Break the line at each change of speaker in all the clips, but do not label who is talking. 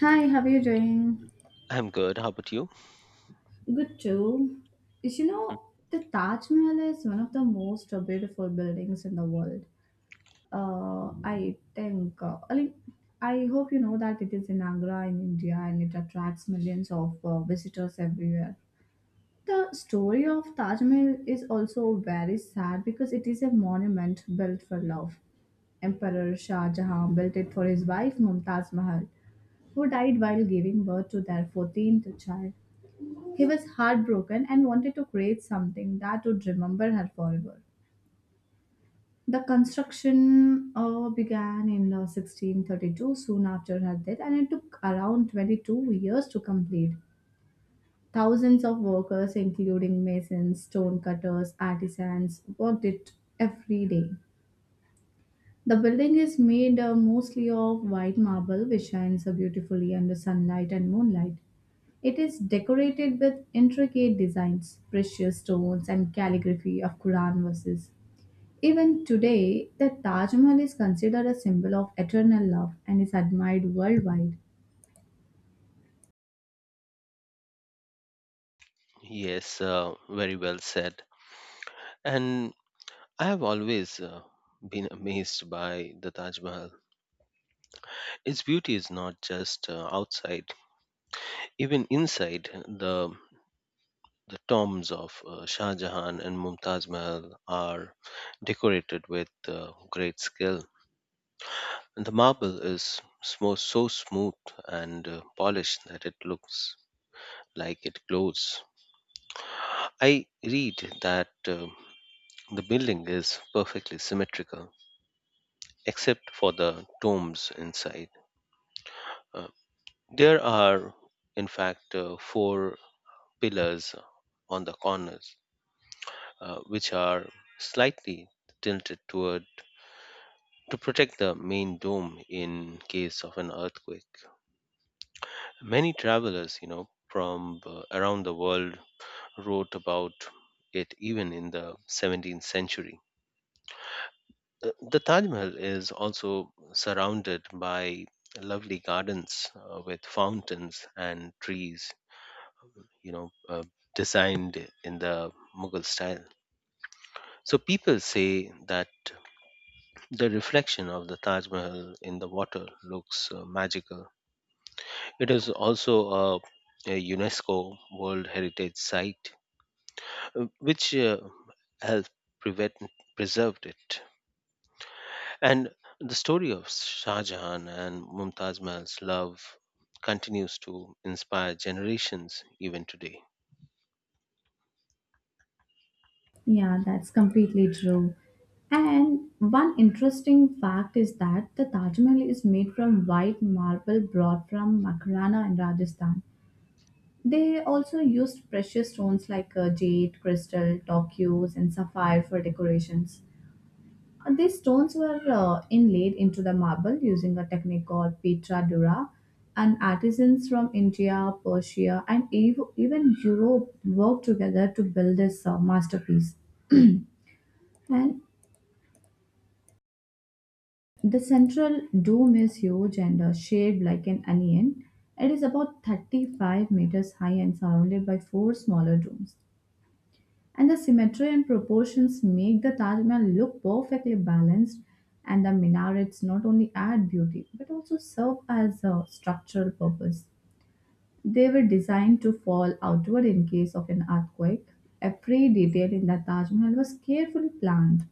Hi, how are you doing?
I'm good. How about you?
Good too. Is You
Mm.
know, the Taj Mahal is one of the most beautiful buildings in the world. I think, I mean, I hope you know that it is in Agra in India and it attracts millions of visitors everywhere. The story of Taj Mahal is also very sad because it is a monument built for love. Emperor Shah Jahan built it for his wife Mumtaz Mahal, who died while giving birth to their 14th child. He was heartbroken and wanted to create something that would remember her forever. The construction began in 1632, soon after her death, and it took around 22 years to complete. Thousands of workers, including masons, stonecutters, artisans, worked it every day. The building is made mostly of white marble, which shines beautifully under sunlight and moonlight. It is decorated with intricate designs, precious stones, and calligraphy of Quran verses. Even today, the Taj Mahal is considered a symbol of eternal love and is admired worldwide.
Yes, very well said. And I have always been amazed by the Taj Mahal. Its beauty is not just outside, even inside. The the tombs of Shah Jahan and Mumtaz Mahal are decorated with great skill. And the marble is so, so smooth and polished that it looks like it glows. I read that. The building is perfectly symmetrical, except for the tombs inside. Uh, there are, in fact, four pillars on the corners, which are slightly tilted toward to protect the main dome in case of an earthquake. Many travelers, you know, from around the world wrote about it even in the 17th century. The Taj Mahal is also surrounded by lovely gardens with fountains and trees, you know, designed in the Mughal style. So people say that the reflection of the Taj Mahal in the water looks magical. It is also a, a UNESCO World Heritage Site, which has prevent, preserved it. And the story of Shah Jahan and Mumtaz Mahal's love continues to inspire generations even today.
Yeah, that's completely true. And one interesting fact is that the Taj Mahal is made from white marble brought from Makarana in Rajasthan. They also used precious stones like jade, crystal, turquoise, and sapphire for decorations. And these stones were inlaid into the marble using a technique called Petra Dura, and artisans from India, Persia, and even Europe worked together to build this masterpiece. And the central dome is huge and shaped like an onion. It is about 35 meters high and surrounded by four smaller domes. And the symmetry and proportions make the Taj Mahal look perfectly balanced, and the minarets not only add beauty but also serve as a structural purpose. They were designed to fall outward in case of an earthquake. Every detail in the Taj Mahal was carefully planned.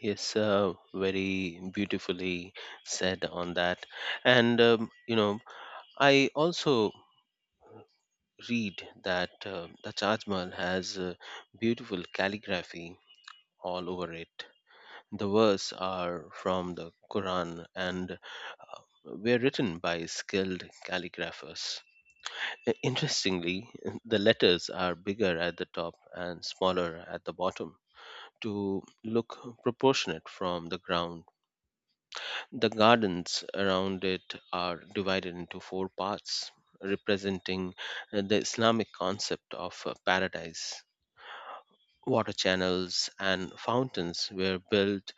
Yes, very beautifully said on that. And, you know, I also read that the Taj Mahal has beautiful calligraphy all over it. The verses are from the Quran and were written by skilled calligraphers. Interestingly, the letters are bigger at the top and smaller at the bottom to look proportionate from the ground. The gardens around it are divided into four parts, representing the Islamic concept of paradise. Water channels and fountains were built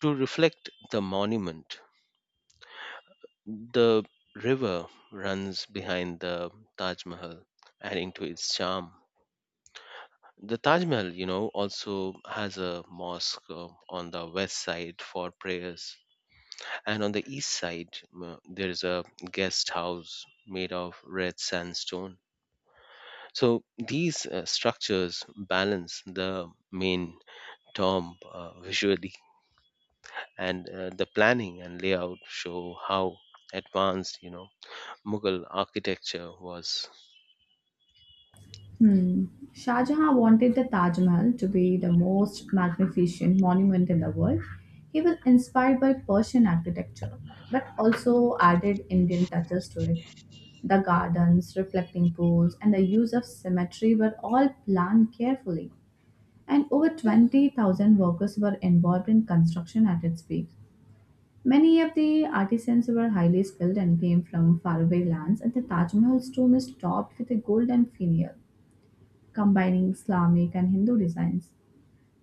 to reflect the monument. The river runs behind the Taj Mahal, adding to its charm. The Taj Mahal, you know, also has a mosque on the west side for prayers. And on the east side, there is a guest house made of red sandstone. So these structures balance the main tomb visually, and the planning and layout show how advanced, you know, Mughal architecture was.
Hmm. Shah Jahan wanted the Taj Mahal to be the most magnificent monument in the world. He was inspired by Persian architecture, but also added Indian touches to it. The gardens, reflecting pools, and the use of symmetry were all planned carefully. And over 20,000 workers were involved in construction at its peak. Many of the artisans were highly skilled and came from faraway lands, and the Taj Mahal's tomb is topped with a golden finial combining Islamic and Hindu designs.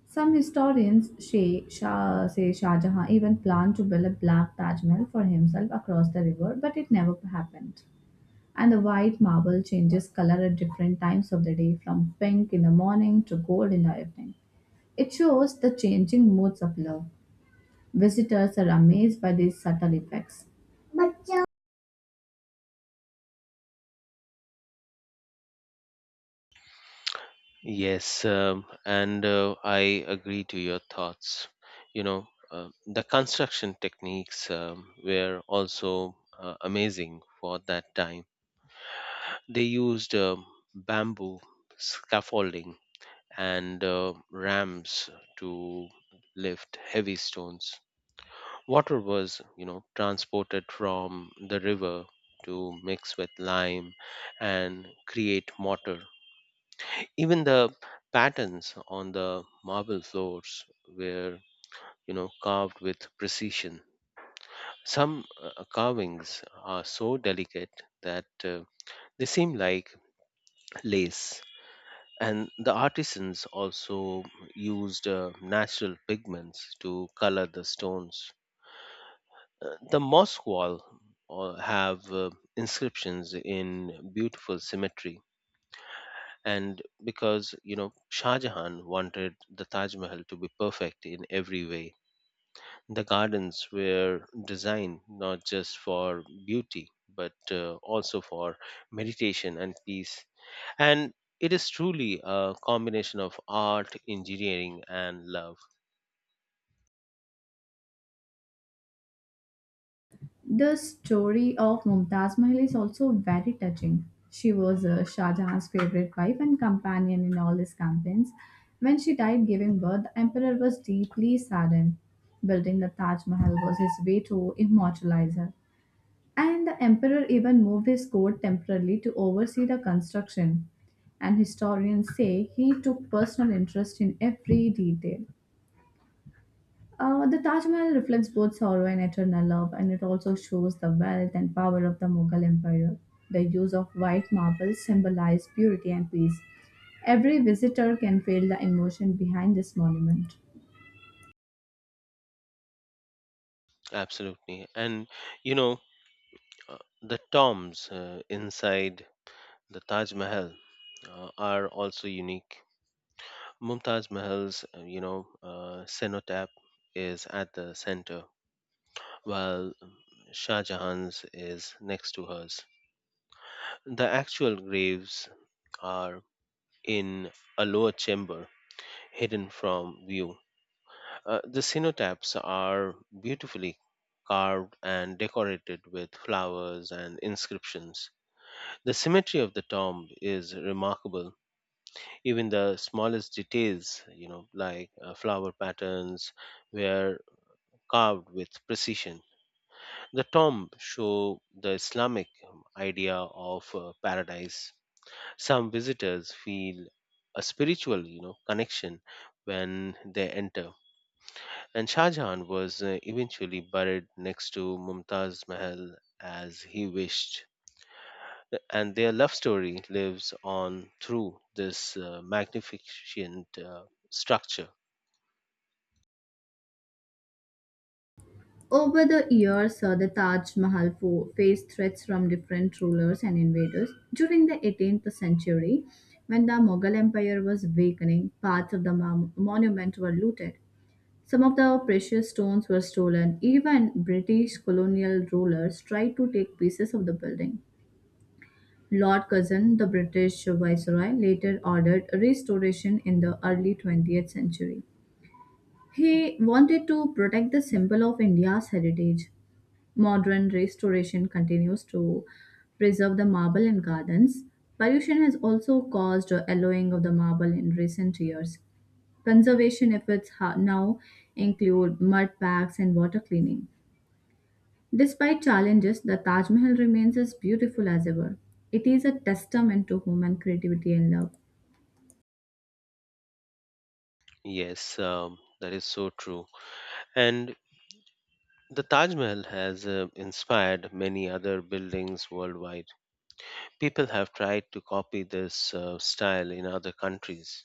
Some historians say Shah Jahan even planned to build a black Taj Mahal for himself across the river, but it never happened. And the white marble changes color at different times of the day, from pink in the morning to gold in the evening. It shows the changing moods of love. Visitors are amazed by these subtle effects.
Yes, and I agree to your thoughts. You know, the construction techniques were also amazing for that time. They used bamboo scaffolding and rams to lift heavy stones. Water was, you know, transported from the river to mix with lime and create mortar. Even the patterns on the marble floors were, you know, carved with precision. Some carvings are so delicate that they seem like lace. And the artisans also used natural pigments to color the stones. The mosque wall have inscriptions in beautiful symmetry, and because you know Shah Jahan wanted the Taj Mahal to be perfect in every way. The gardens were designed not just for beauty but also for meditation and peace. And it is truly a combination of art, engineering, and love.
The story of Mumtaz Mahal is also very touching. She was Shah Jahan's favorite wife and companion in all his campaigns. When she died giving birth, the emperor was deeply saddened. Building the Taj Mahal was his way to immortalize her. And the emperor even moved his court temporarily to oversee the construction. And historians say he took personal interest in every detail. The Taj Mahal reflects both sorrow and eternal love, and it also shows the wealth and power of the Mughal Empire. The use of white marble symbolizes purity and peace. Every visitor can feel the emotion behind this monument.
Absolutely. And you know, the tombs inside the Taj Mahal are also unique. Mumtaz Mahal's, you know, cenotaph is at the center, while Shah Jahan's is next to hers. The actual graves are in a lower chamber, hidden from view. The cenotaphs are beautifully carved and decorated with flowers and inscriptions. The symmetry of the tomb is remarkable. Even the smallest details, you know, like flower patterns, where carved with precision. The tomb show the Islamic idea of paradise. Some visitors feel a spiritual, you know, connection when they enter. And Shah Jahan was eventually buried next to Mumtaz Mahal as he wished. And their love story lives on through this magnificent structure.
Over the years, the Taj Mahal faced threats from different rulers and invaders. During the 18th century, when the Mughal Empire was weakening, parts of the monument were looted. Some of the precious stones were stolen. Even British colonial rulers tried to take pieces of the building. Lord Curzon, the British viceroy, later ordered restoration in the early 20th century. He wanted to protect the symbol of India's heritage. Modern restoration continues to preserve the marble in gardens. Pollution has also caused a yellowing of the marble in recent years. Conservation efforts now include mud packs and water cleaning. Despite challenges, the Taj Mahal remains as beautiful as ever. It is a testament to human creativity and love.
Yes, that is so true. And the Taj Mahal has inspired many other buildings worldwide. People have tried to copy this style in other countries.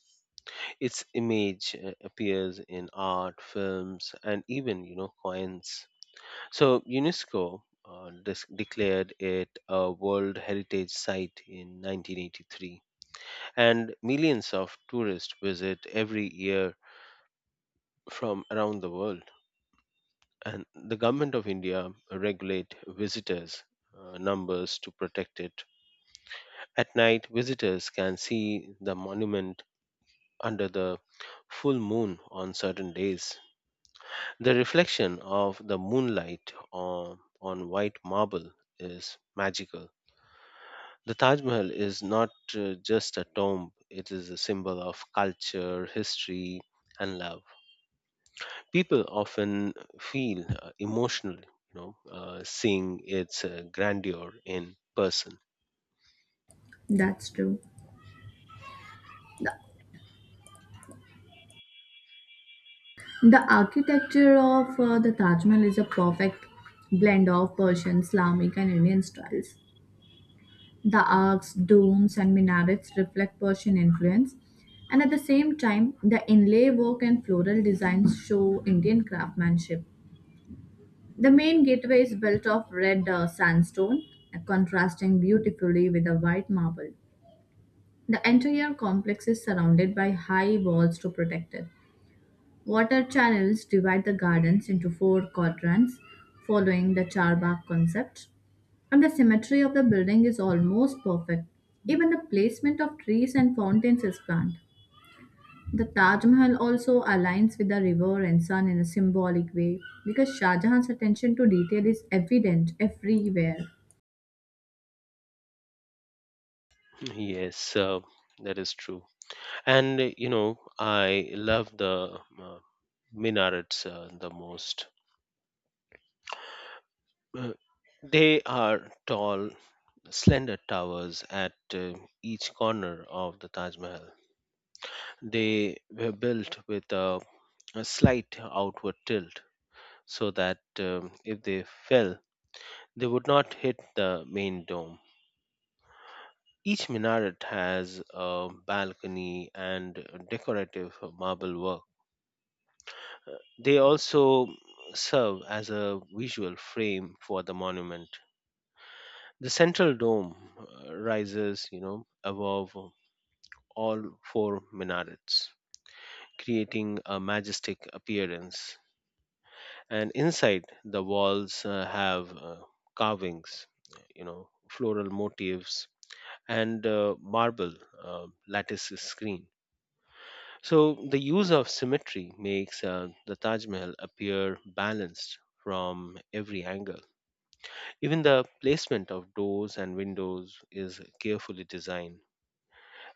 Its image appears in art, films, and even, you know, coins. So UNESCO declared it a World Heritage Site in 1983, and millions of tourists visit every year from around the world, and the government of India regulate visitors numbers to protect it. At night visitors can see the monument under the full moon on certain days. The reflection of the moonlight on white marble is magical. The Taj Mahal is not just a tomb, it is a symbol of culture, history, and love. People often feel emotional, you know, seeing its grandeur in person.
That's true. The architecture of the Taj Mahal is a perfect blend of Persian, Islamic, and Indian styles. The arcs, domes, and minarets reflect Persian influence, and at the same time, the inlay work and floral designs show Indian craftsmanship. The main gateway is built of red sandstone, contrasting beautifully with the white marble. The entire complex is surrounded by high walls to protect it. Water channels divide the gardens into four quadrants, following the charbagh concept. And the symmetry of the building is almost perfect. Even the placement of trees and fountains is planned. The Taj Mahal also aligns with the river and sun in a symbolic way because Shah Jahan's attention to detail is evident everywhere.
Yes, that is true. And you know, I love the uh, minarets the most. Uh, they are tall slender towers at each corner of the Taj Mahal. They were built with a slight outward tilt so that if they fell they would not hit the main dome. Each minaret has a balcony and decorative marble work. They also serve as a visual frame for the monument. The central dome rises, you know, above all four minarets, creating a majestic appearance. And inside, the walls have carvings, you know, floral motifs and marble lattice screen. So the use of symmetry makes the Taj Mahal appear balanced from every angle. Even the placement of doors and windows is carefully designed,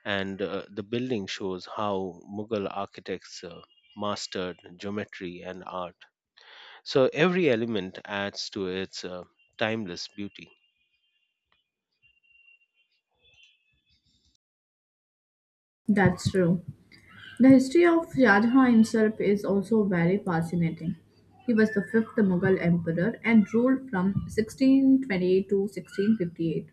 and the building shows how Mughal architects mastered geometry and art. So every element adds to its timeless beauty.
That's true. The history of Shah Jahan himself is also very fascinating. He was the fifth Mughal emperor and ruled from 1628 to 1658.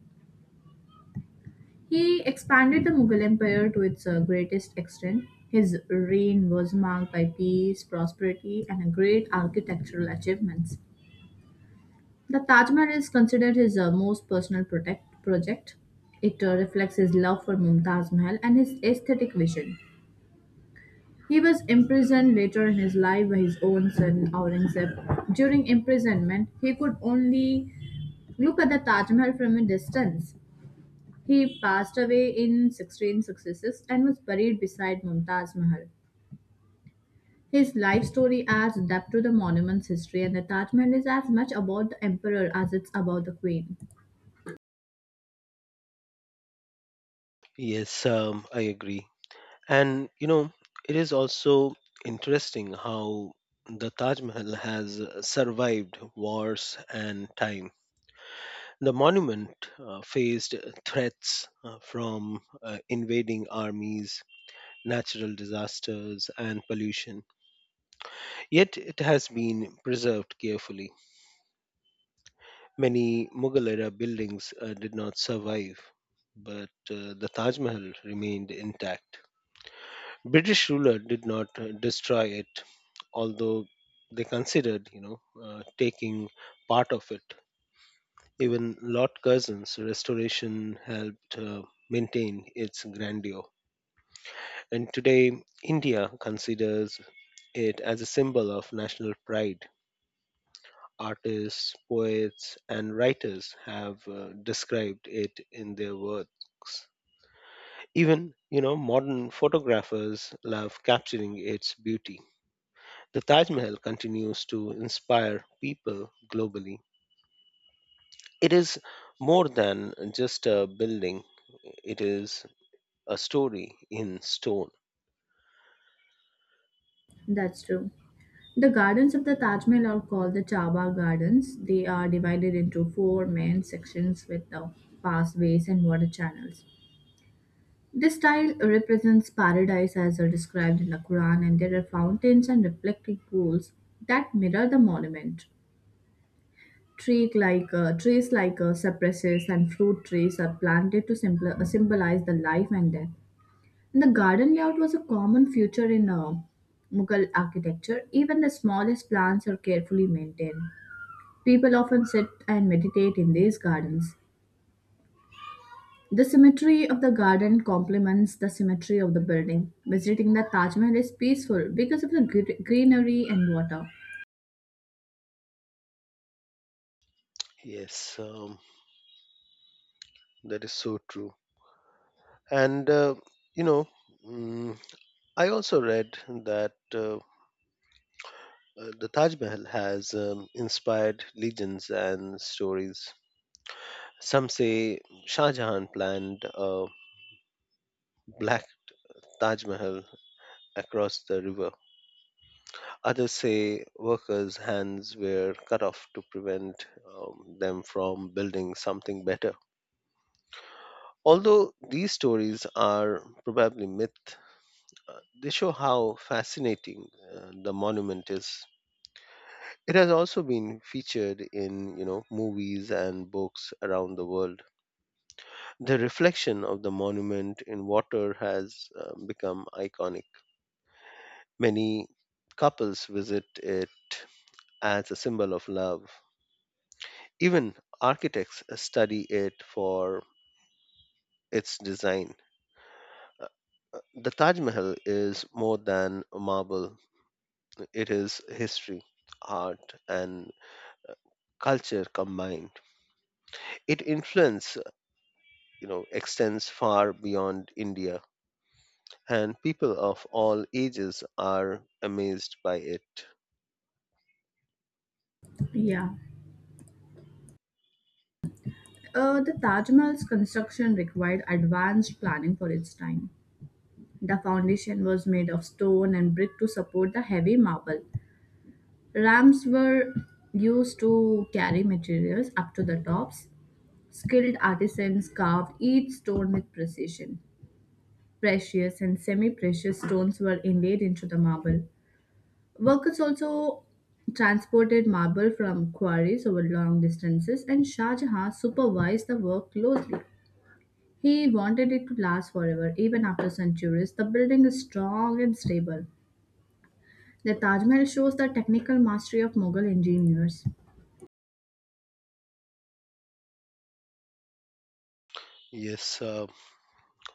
He expanded the Mughal empire to its greatest extent. His reign was marked by peace, prosperity, and great architectural achievements. The Taj Mahal is considered his most personal project. It reflects his love for Mumtaz Mahal and his aesthetic vision. He was imprisoned later in his life by his own son Aurangzeb. During imprisonment, he could only look at the Taj Mahal from a distance. He passed away in 1666 and was buried beside Mumtaz Mahal. His life story adds depth to the monument's history, and the Taj Mahal is as much about the emperor as it's about the queen.
Yes, I agree. And you know, it is also interesting how the Taj Mahal has survived wars and time. The monument faced threats from invading armies, natural disasters, and pollution. Yet it has been preserved carefully. Many Mughal era buildings did not survive, but the Taj Mahal remained intact. British ruler did not destroy it, although they considered, you know, taking part of it. Even Lord Curzon's restoration helped maintain its grandeur, and today India considers it as a symbol of national pride. Artists, poets, and writers have described it in their works. Even, you know, modern photographers love capturing its beauty. The Taj Mahal continues to inspire people globally. It is more than just a building, it is a story in stone.
That's true. The gardens of the Taj Mahal are called the Chaba Gardens. They are divided into four main sections with the pathways and water channels. This style represents paradise as are described in the Quran, and there are fountains and reflecting pools that mirror the monument. Tree like, trees like cypresses and fruit trees are planted to symbolize the life and death. And the garden layout was a common feature in Mughal architecture. Even the smallest plants are carefully maintained. People often sit and meditate in these gardens. The symmetry of the garden complements the symmetry of the building. Visiting the Taj Mahal is peaceful because of the greenery and water.
Yes, that is so true. And, you know, mm, I also read that the Taj Mahal has inspired legends and stories. Some say Shah Jahan planned a black Taj Mahal across the river. Others say workers' hands were cut off to prevent them from building something better. Although these stories are probably myth, they show how fascinating the monument is. It has also been featured in, you know, movies and books around the world. The reflection of the monument in water has become iconic. Many couples visit it as a symbol of love. Even architects study it for its design. Uh, The Taj Mahal is more than a marble, it is history, art, and culture combined. It influence, you know, extends far beyond India, and people of all ages are amazed by it.
Yeah. The Taj Mahal's construction required advanced planning for its time. The foundation was made of stone and brick to support the heavy marble. Ramps were used to carry materials up to the tops. Skilled artisans carved each stone with precision. Precious and semi precious stones were inlaid into the marble. Workers also transported marble from quarries over long distances, and Shah Jahan supervised the work closely. He wanted it to last forever, even after centuries. The building is strong and stable. The Taj Mahal shows the technical mastery of Mughal engineers.
Yes,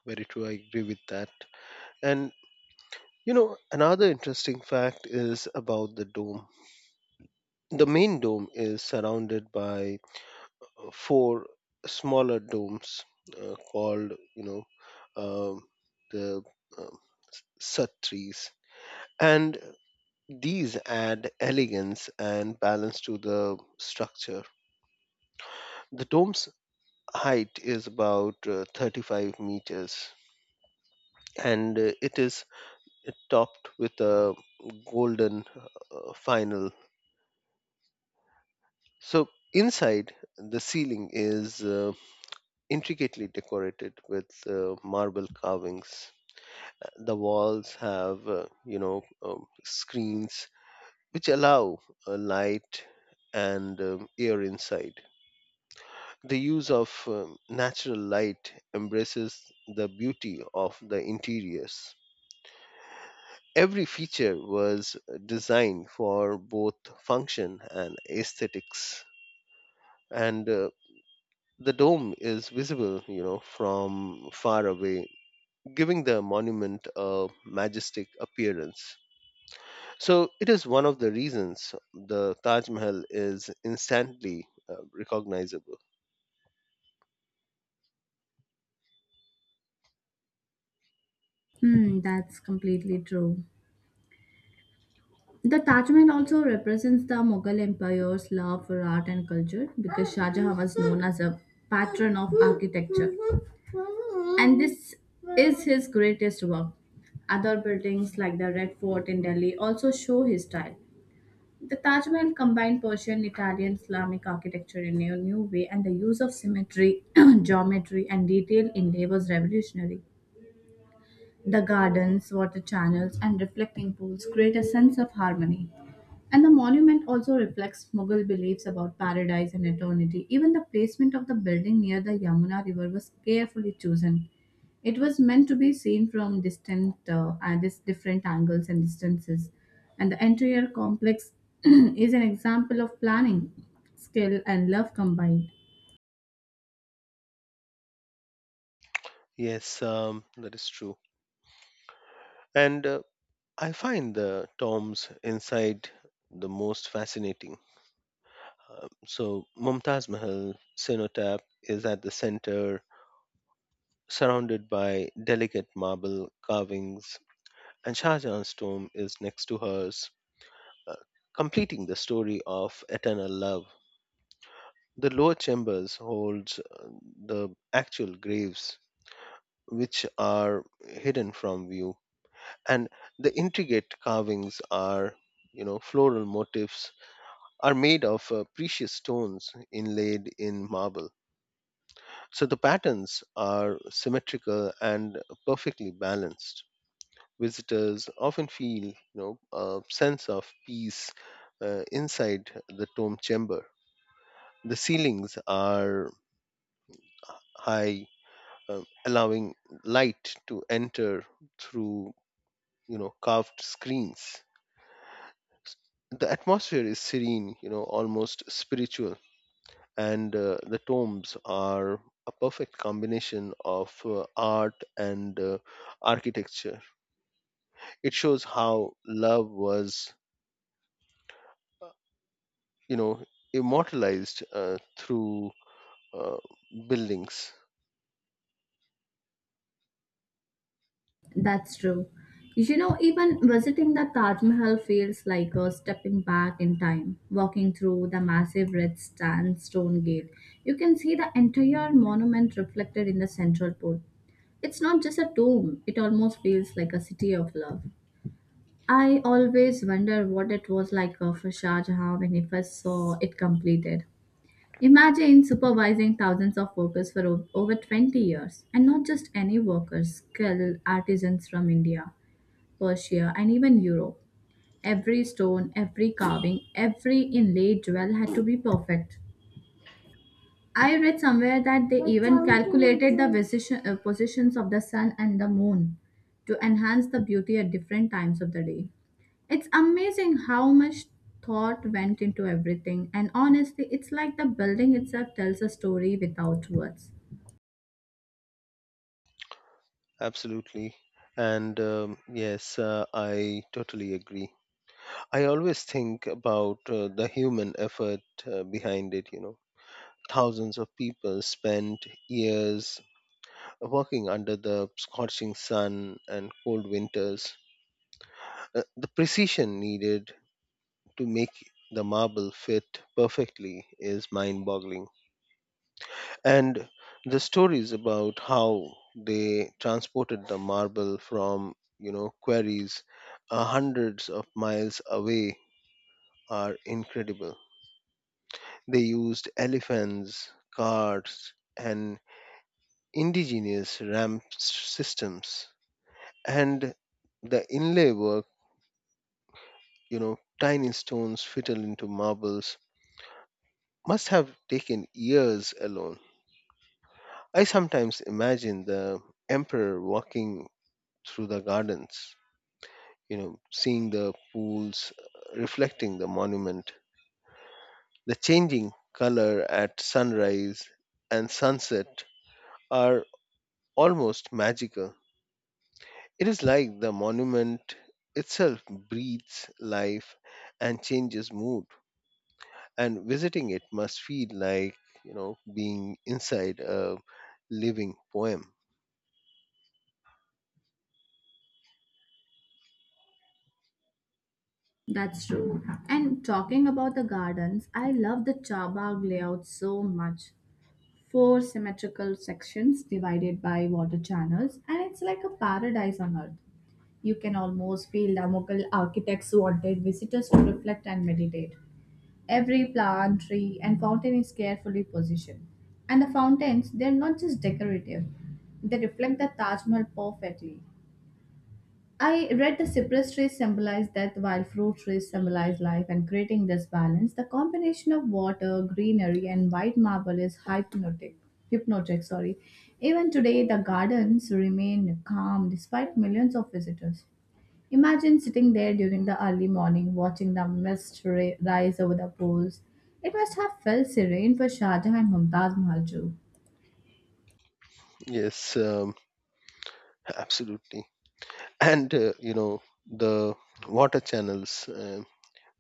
very true. I agree with that. And you know, another interesting fact is about the dome. The main dome is surrounded by four smaller domes called you know um the um, satris, and these add elegance and balance to the structure. The dome's height is about 35 meters, and it is topped with a golden final. So inside the ceiling is intricately decorated with marble carvings. The walls have screens which allow light and air inside. The use of natural light embraces the beauty of the interiors. Every feature was designed for both function and aesthetics, and the dome is visible, you know, from far away, giving the monument a majestic appearance. So it is one of the reasons the Taj Mahal is instantly recognizable.
Hmm, that's completely true. The Taj Mahal also represents the Mughal Empire's love for art and culture because Shah Jahan was known as a patron of architecture, and this is his greatest work. Other buildings like the Red Fort in Delhi also show his style. The Taj Mahal combined Persian, Italian, Islamic architecture in a new way, and the use of symmetry, geometry, and detail inlay was revolutionary. The gardens, water channels, and reflecting pools create a sense of harmony. And the monument also reflects Mughal beliefs about paradise and eternity. Even the placement of the building near the Yamuna River was carefully chosen. It was meant to be seen at this different angles and distances. And the entire complex is an example of planning, skill, and love combined.
Yes, that is true. And I find the tombs inside the most fascinating. So Mumtaz Mahal cenotaph is at the center, surrounded by delicate marble carvings, and Shah Jahan's tomb is next to hers, uh, completing the story of eternal love. The lower chambers holds the actual graves which are hidden from view, and the intricate carvings are, you know, floral motifs, are made of precious stones inlaid in marble. So the patterns are symmetrical and perfectly balanced. Visitors often feel, you know, a sense of peace inside the tomb chamber. The ceilings are high, allowing light to enter through, you know, carved screens. The atmosphere is serene, you know, almost spiritual, and the tombs are a perfect combination of art and architecture. It shows how love was, uh, you know, immortalized through uh, buildings.
That's true. You know, even visiting the Taj Mahal feels like a stepping back in time. Walking through the massive red sandstone gate, you can see the entire monument reflected in the central port. It's not just a tomb, it almost feels like a city of love. I always wonder what it was like for Shah Jahan when he first saw it completed. Imagine supervising thousands of workers for over 20 years, and not just any workers, skilled artisans from India. Persia, and even Europe. Every stone, every carving, every inlaid jewel had to be perfect. I read somewhere that they even calculated the positions of the sun and the moon to enhance the beauty at different times of the day. It's amazing how much thought went into everything, and honestly, it's like the building itself tells a story without words.
Absolutely. And yes, I totally agree. I always think about the human effort behind it, you know. Thousands of people spent years working under the scorching sun and cold winters. The precision needed to make the marble fit perfectly is mind boggling. And the stories about how they transported the marble from, you know, quarries hundreds of miles away are incredible. They used elephants, carts, and indigenous ramp systems. And the inlay work, you know, tiny stones fitted into marbles, must have taken years alone. I sometimes imagine the emperor walking through the gardens, you know, seeing the pools reflecting the monument. The changing color at sunrise and sunset are almost magical. It is like the monument itself breathes life and changes mood, and visiting it must feel like being inside a living poem.
That's true. And talking about the gardens, I love the Chabag layout so much. Four symmetrical sections divided by water channels, and it's like a paradise on earth. You can almost feel the local architects wanted visitors to reflect and meditate. Every plant, tree, and fountain is carefully positioned. And the fountains, they're not just decorative, they reflect the Taj Mahal perfectly. I read the cypress trees symbolize death while fruit trees symbolize life and creating this balance. The combination of water, greenery and white marble is hypnotic. Hypnotic, sorry. Even today the gardens remain calm despite millions of visitors. Imagine sitting there during the early morning watching the rise over the pools. It must have felt serene for Shah Jahan and Mumtaz Mahal too.
Yes, absolutely. And you know, the water channels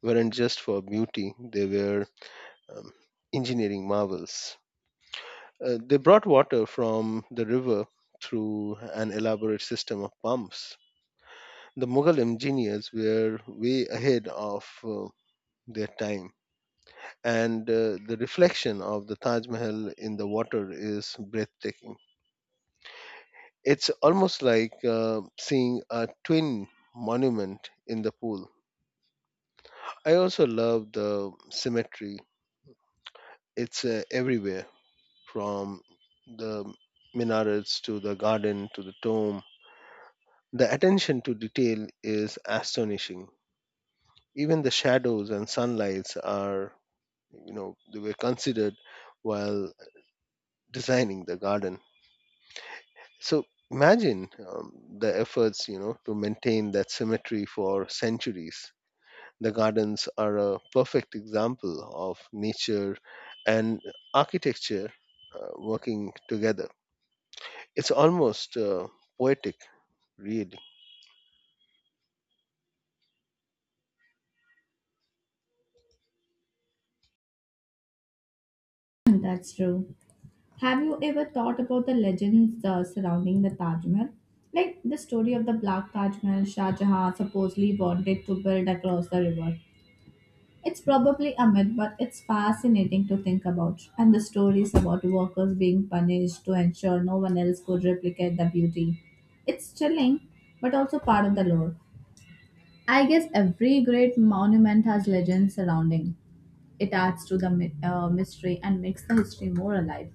weren't just for beauty; they were um, engineering marvels. They brought water from the river through an elaborate system of pumps. The Mughal engineers were way ahead of their time, and the reflection of the Taj Mahal in the water is breathtaking. It's almost like seeing a twin monument in the pool. I also love the symmetry, it's everywhere from the minarets to the garden to the tomb. The attention to detail is astonishing. Even the shadows and sunlights are, you know, they were considered while designing the garden. So imagine the efforts, you know, to maintain that symmetry for centuries. The gardens are a perfect example of nature and architecture working together. It's almost poetic, really.
That's true. Have you ever thought about the legends surrounding the Taj Mahal? Like the story of the Black Taj Mahal Shah Jahan supposedly wanted to build across the river. It's probably a myth, but it's fascinating to think about. And the stories about workers being punished to ensure no one else could replicate the beauty. It's chilling, but also part of the lore. I guess every great monument has legends surrounding. It adds to the mystery and makes the history more alive.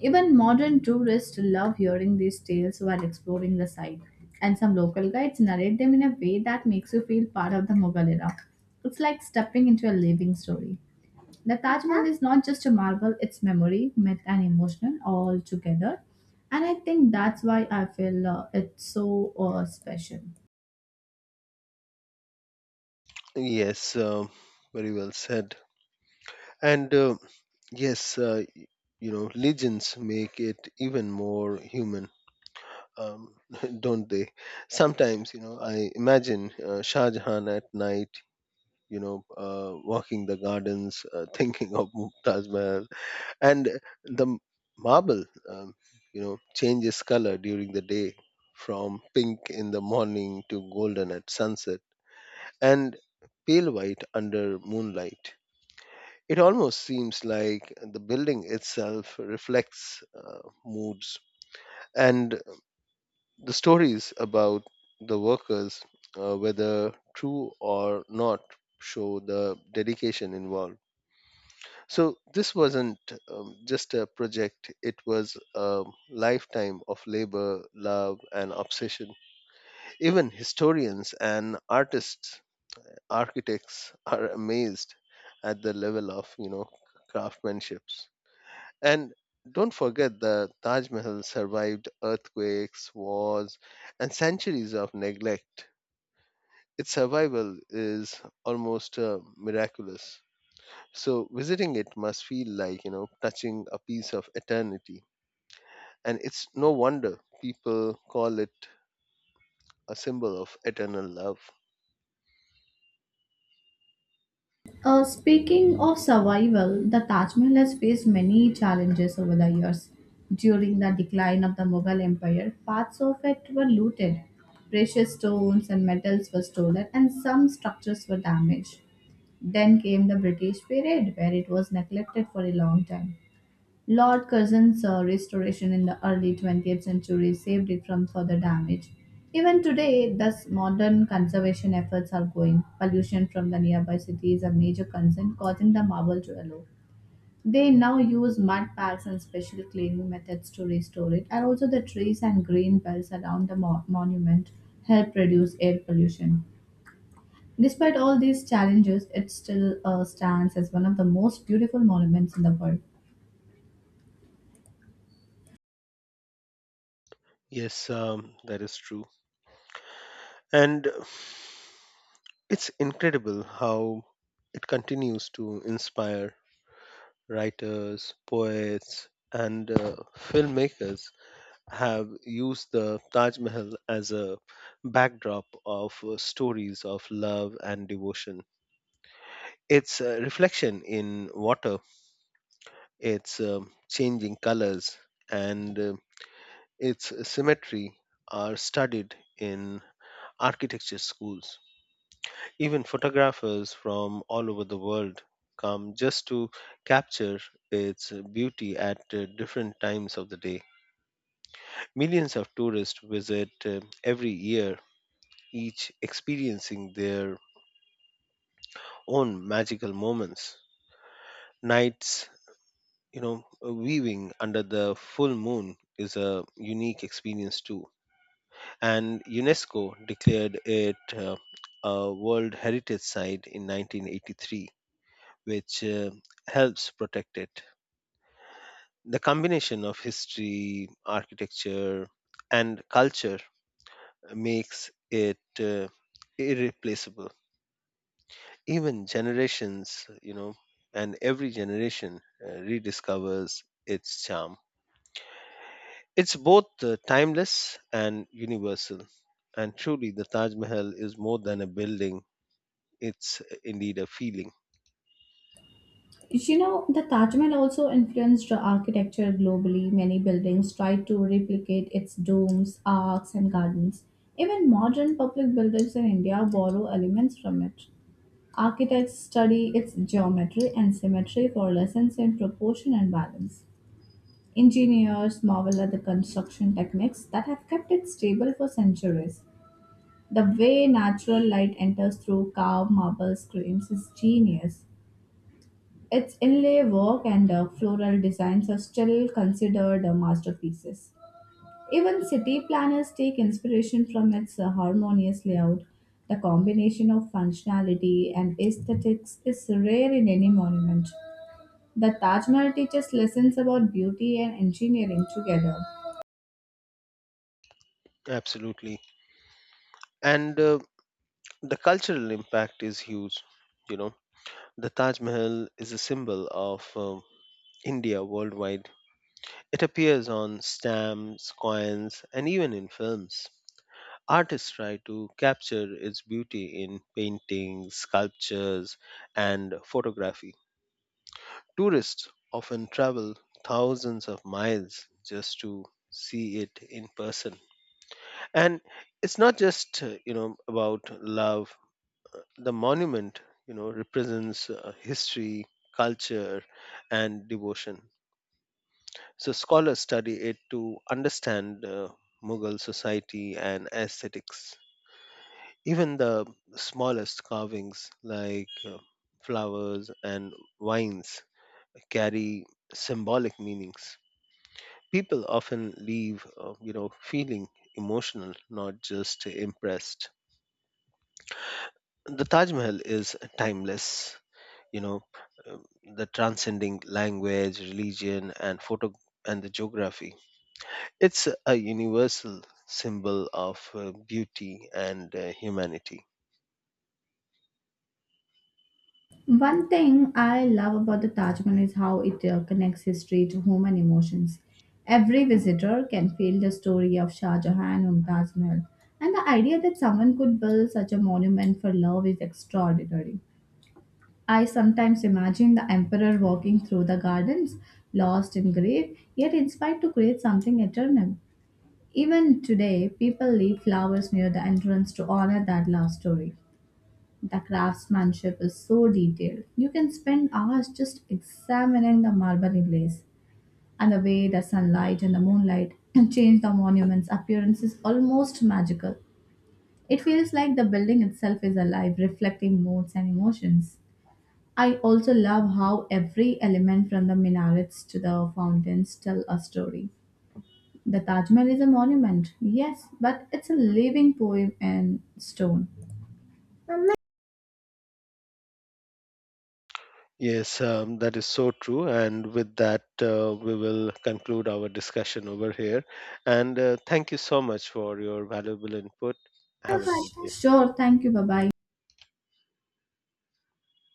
Even modern tourists love hearing these tales while exploring the site, and some local guides narrate them in a way that makes you feel part of the Mughal era. It's like stepping into a living story. The Taj Mahal is not just a marvel, it's memory, myth, and emotional all together. And I think that's why I feel it's so special.
Yes, um, very well said. And yes, you know, legends make it even more human, um, don't they? Sometimes, you know, I imagine Shah Jahan at night, you know, walking the gardens, thinking of Mumtaz Mahal, and the m- marble, you know, changes color during the day from pink in the morning to golden at sunset and pale white under moonlight. It almost seems like the building itself reflects moods. And the stories about the workers, whether true or not, show the dedication involved. So this wasn't just a project, it was a lifetime of labor, love, and obsession. Even historians and artists, architects are amazed at the level of, you know, craftsmanship. And don't forget, the Taj Mahal survived earthquakes, wars, and centuries of neglect. Its survival is almost miraculous. So visiting it must feel like, you know, touching a piece of eternity. And it's no wonder people call it a symbol of eternal love.
Speaking of survival, the Taj Mahal has faced many challenges over the years. During the decline of the Mughal Empire, parts of it were looted, precious stones and metals were stolen, and some structures were damaged. Then came the British period, where it was neglected for a long time. Lord Curzon's restoration in the early 20th century saved it from further damage. Even today, thus modern conservation efforts are going. Pollution from the nearby city is a major concern, causing the marble to yellow. They now use mud packs and special cleaning methods to restore it, and also the trees and green belts around the monument help reduce air pollution. Despite all these challenges, it still stands as one of the most beautiful monuments in the world.
Yes, that is true. And it's incredible how it continues to inspire writers, poets, and filmmakers have used the Taj Mahal as a backdrop of stories of love and devotion. Its reflection in water, its changing colors, and its symmetry are studied in architecture schools. Even photographers from all over the world come just to capture its beauty at different times of the day. Millions of tourists visit every year, each experiencing their own magical moments. Nights, you know, weaving under the full moon is a unique experience too. And UNESCO declared it a World Heritage Site in 1983, which helps protect it. The combination of history, architecture, and culture makes it irreplaceable. Even generations, you know, and every generation rediscovers its charm. It's both timeless and universal. And truly, the Taj Mahal is more than a building, it's indeed a feeling.
You know, the Taj Mahal also influenced the architecture globally. Many buildings tried to replicate its domes, arcs, and gardens. Even modern public buildings in India borrow elements from it. Architects study its geometry and symmetry for lessons in proportion and balance. Engineers marvel at the construction techniques that have kept it stable for centuries. The way natural light enters through carved marble screens is genius. Its inlay work and floral designs are still considered masterpieces. Even city planners take inspiration from its harmonious layout. The combination of functionality and aesthetics is rare in any monument. The Taj Mahal teaches lessons about beauty and engineering together.
Absolutely. And the cultural impact is huge. You know, the Taj Mahal is a symbol of India worldwide. It appears on stamps, coins, and even in films. Artists try to capture its beauty in paintings, sculptures, and photography. Tourists often travel thousands of miles just to see it in person. And it's not just, you know, about love. The monument, you know, represents history, culture, and devotion. So scholars study it to understand Mughal society and aesthetics. Even the smallest carvings, like flowers and vines, carry symbolic meanings. People often leave, you know, feeling emotional, not just impressed. The Taj Mahal is timeless. You know, uh, the transcending language, religion, and photo and the geography. It's a universal symbol of beauty and humanity.
One thing I love about the Taj Mahal is how it connects history to human emotions. Every visitor can feel the story of Shah Jahan and Taj Mahal, and the idea that someone could build such a monument for love is extraordinary. I sometimes imagine the emperor walking through the gardens, lost in grief, yet inspired to create something eternal. Even today, people leave flowers near the entrance to honor that love story. The craftsmanship is so detailed. You can spend hours just examining the marble inlays and the way the sunlight and the moonlight change the monument's appearance is almost magical. It feels like the building itself is alive, reflecting moods and emotions. I also love how every element from the minarets to the fountains tell a story. The Taj Mahal is a monument, yes, but it's a living poem in stone.
Yes, that is so true. And with that, we will conclude our discussion over here. And thank you so much for your valuable input. Have a great day.
Sure, thank you. Bye bye.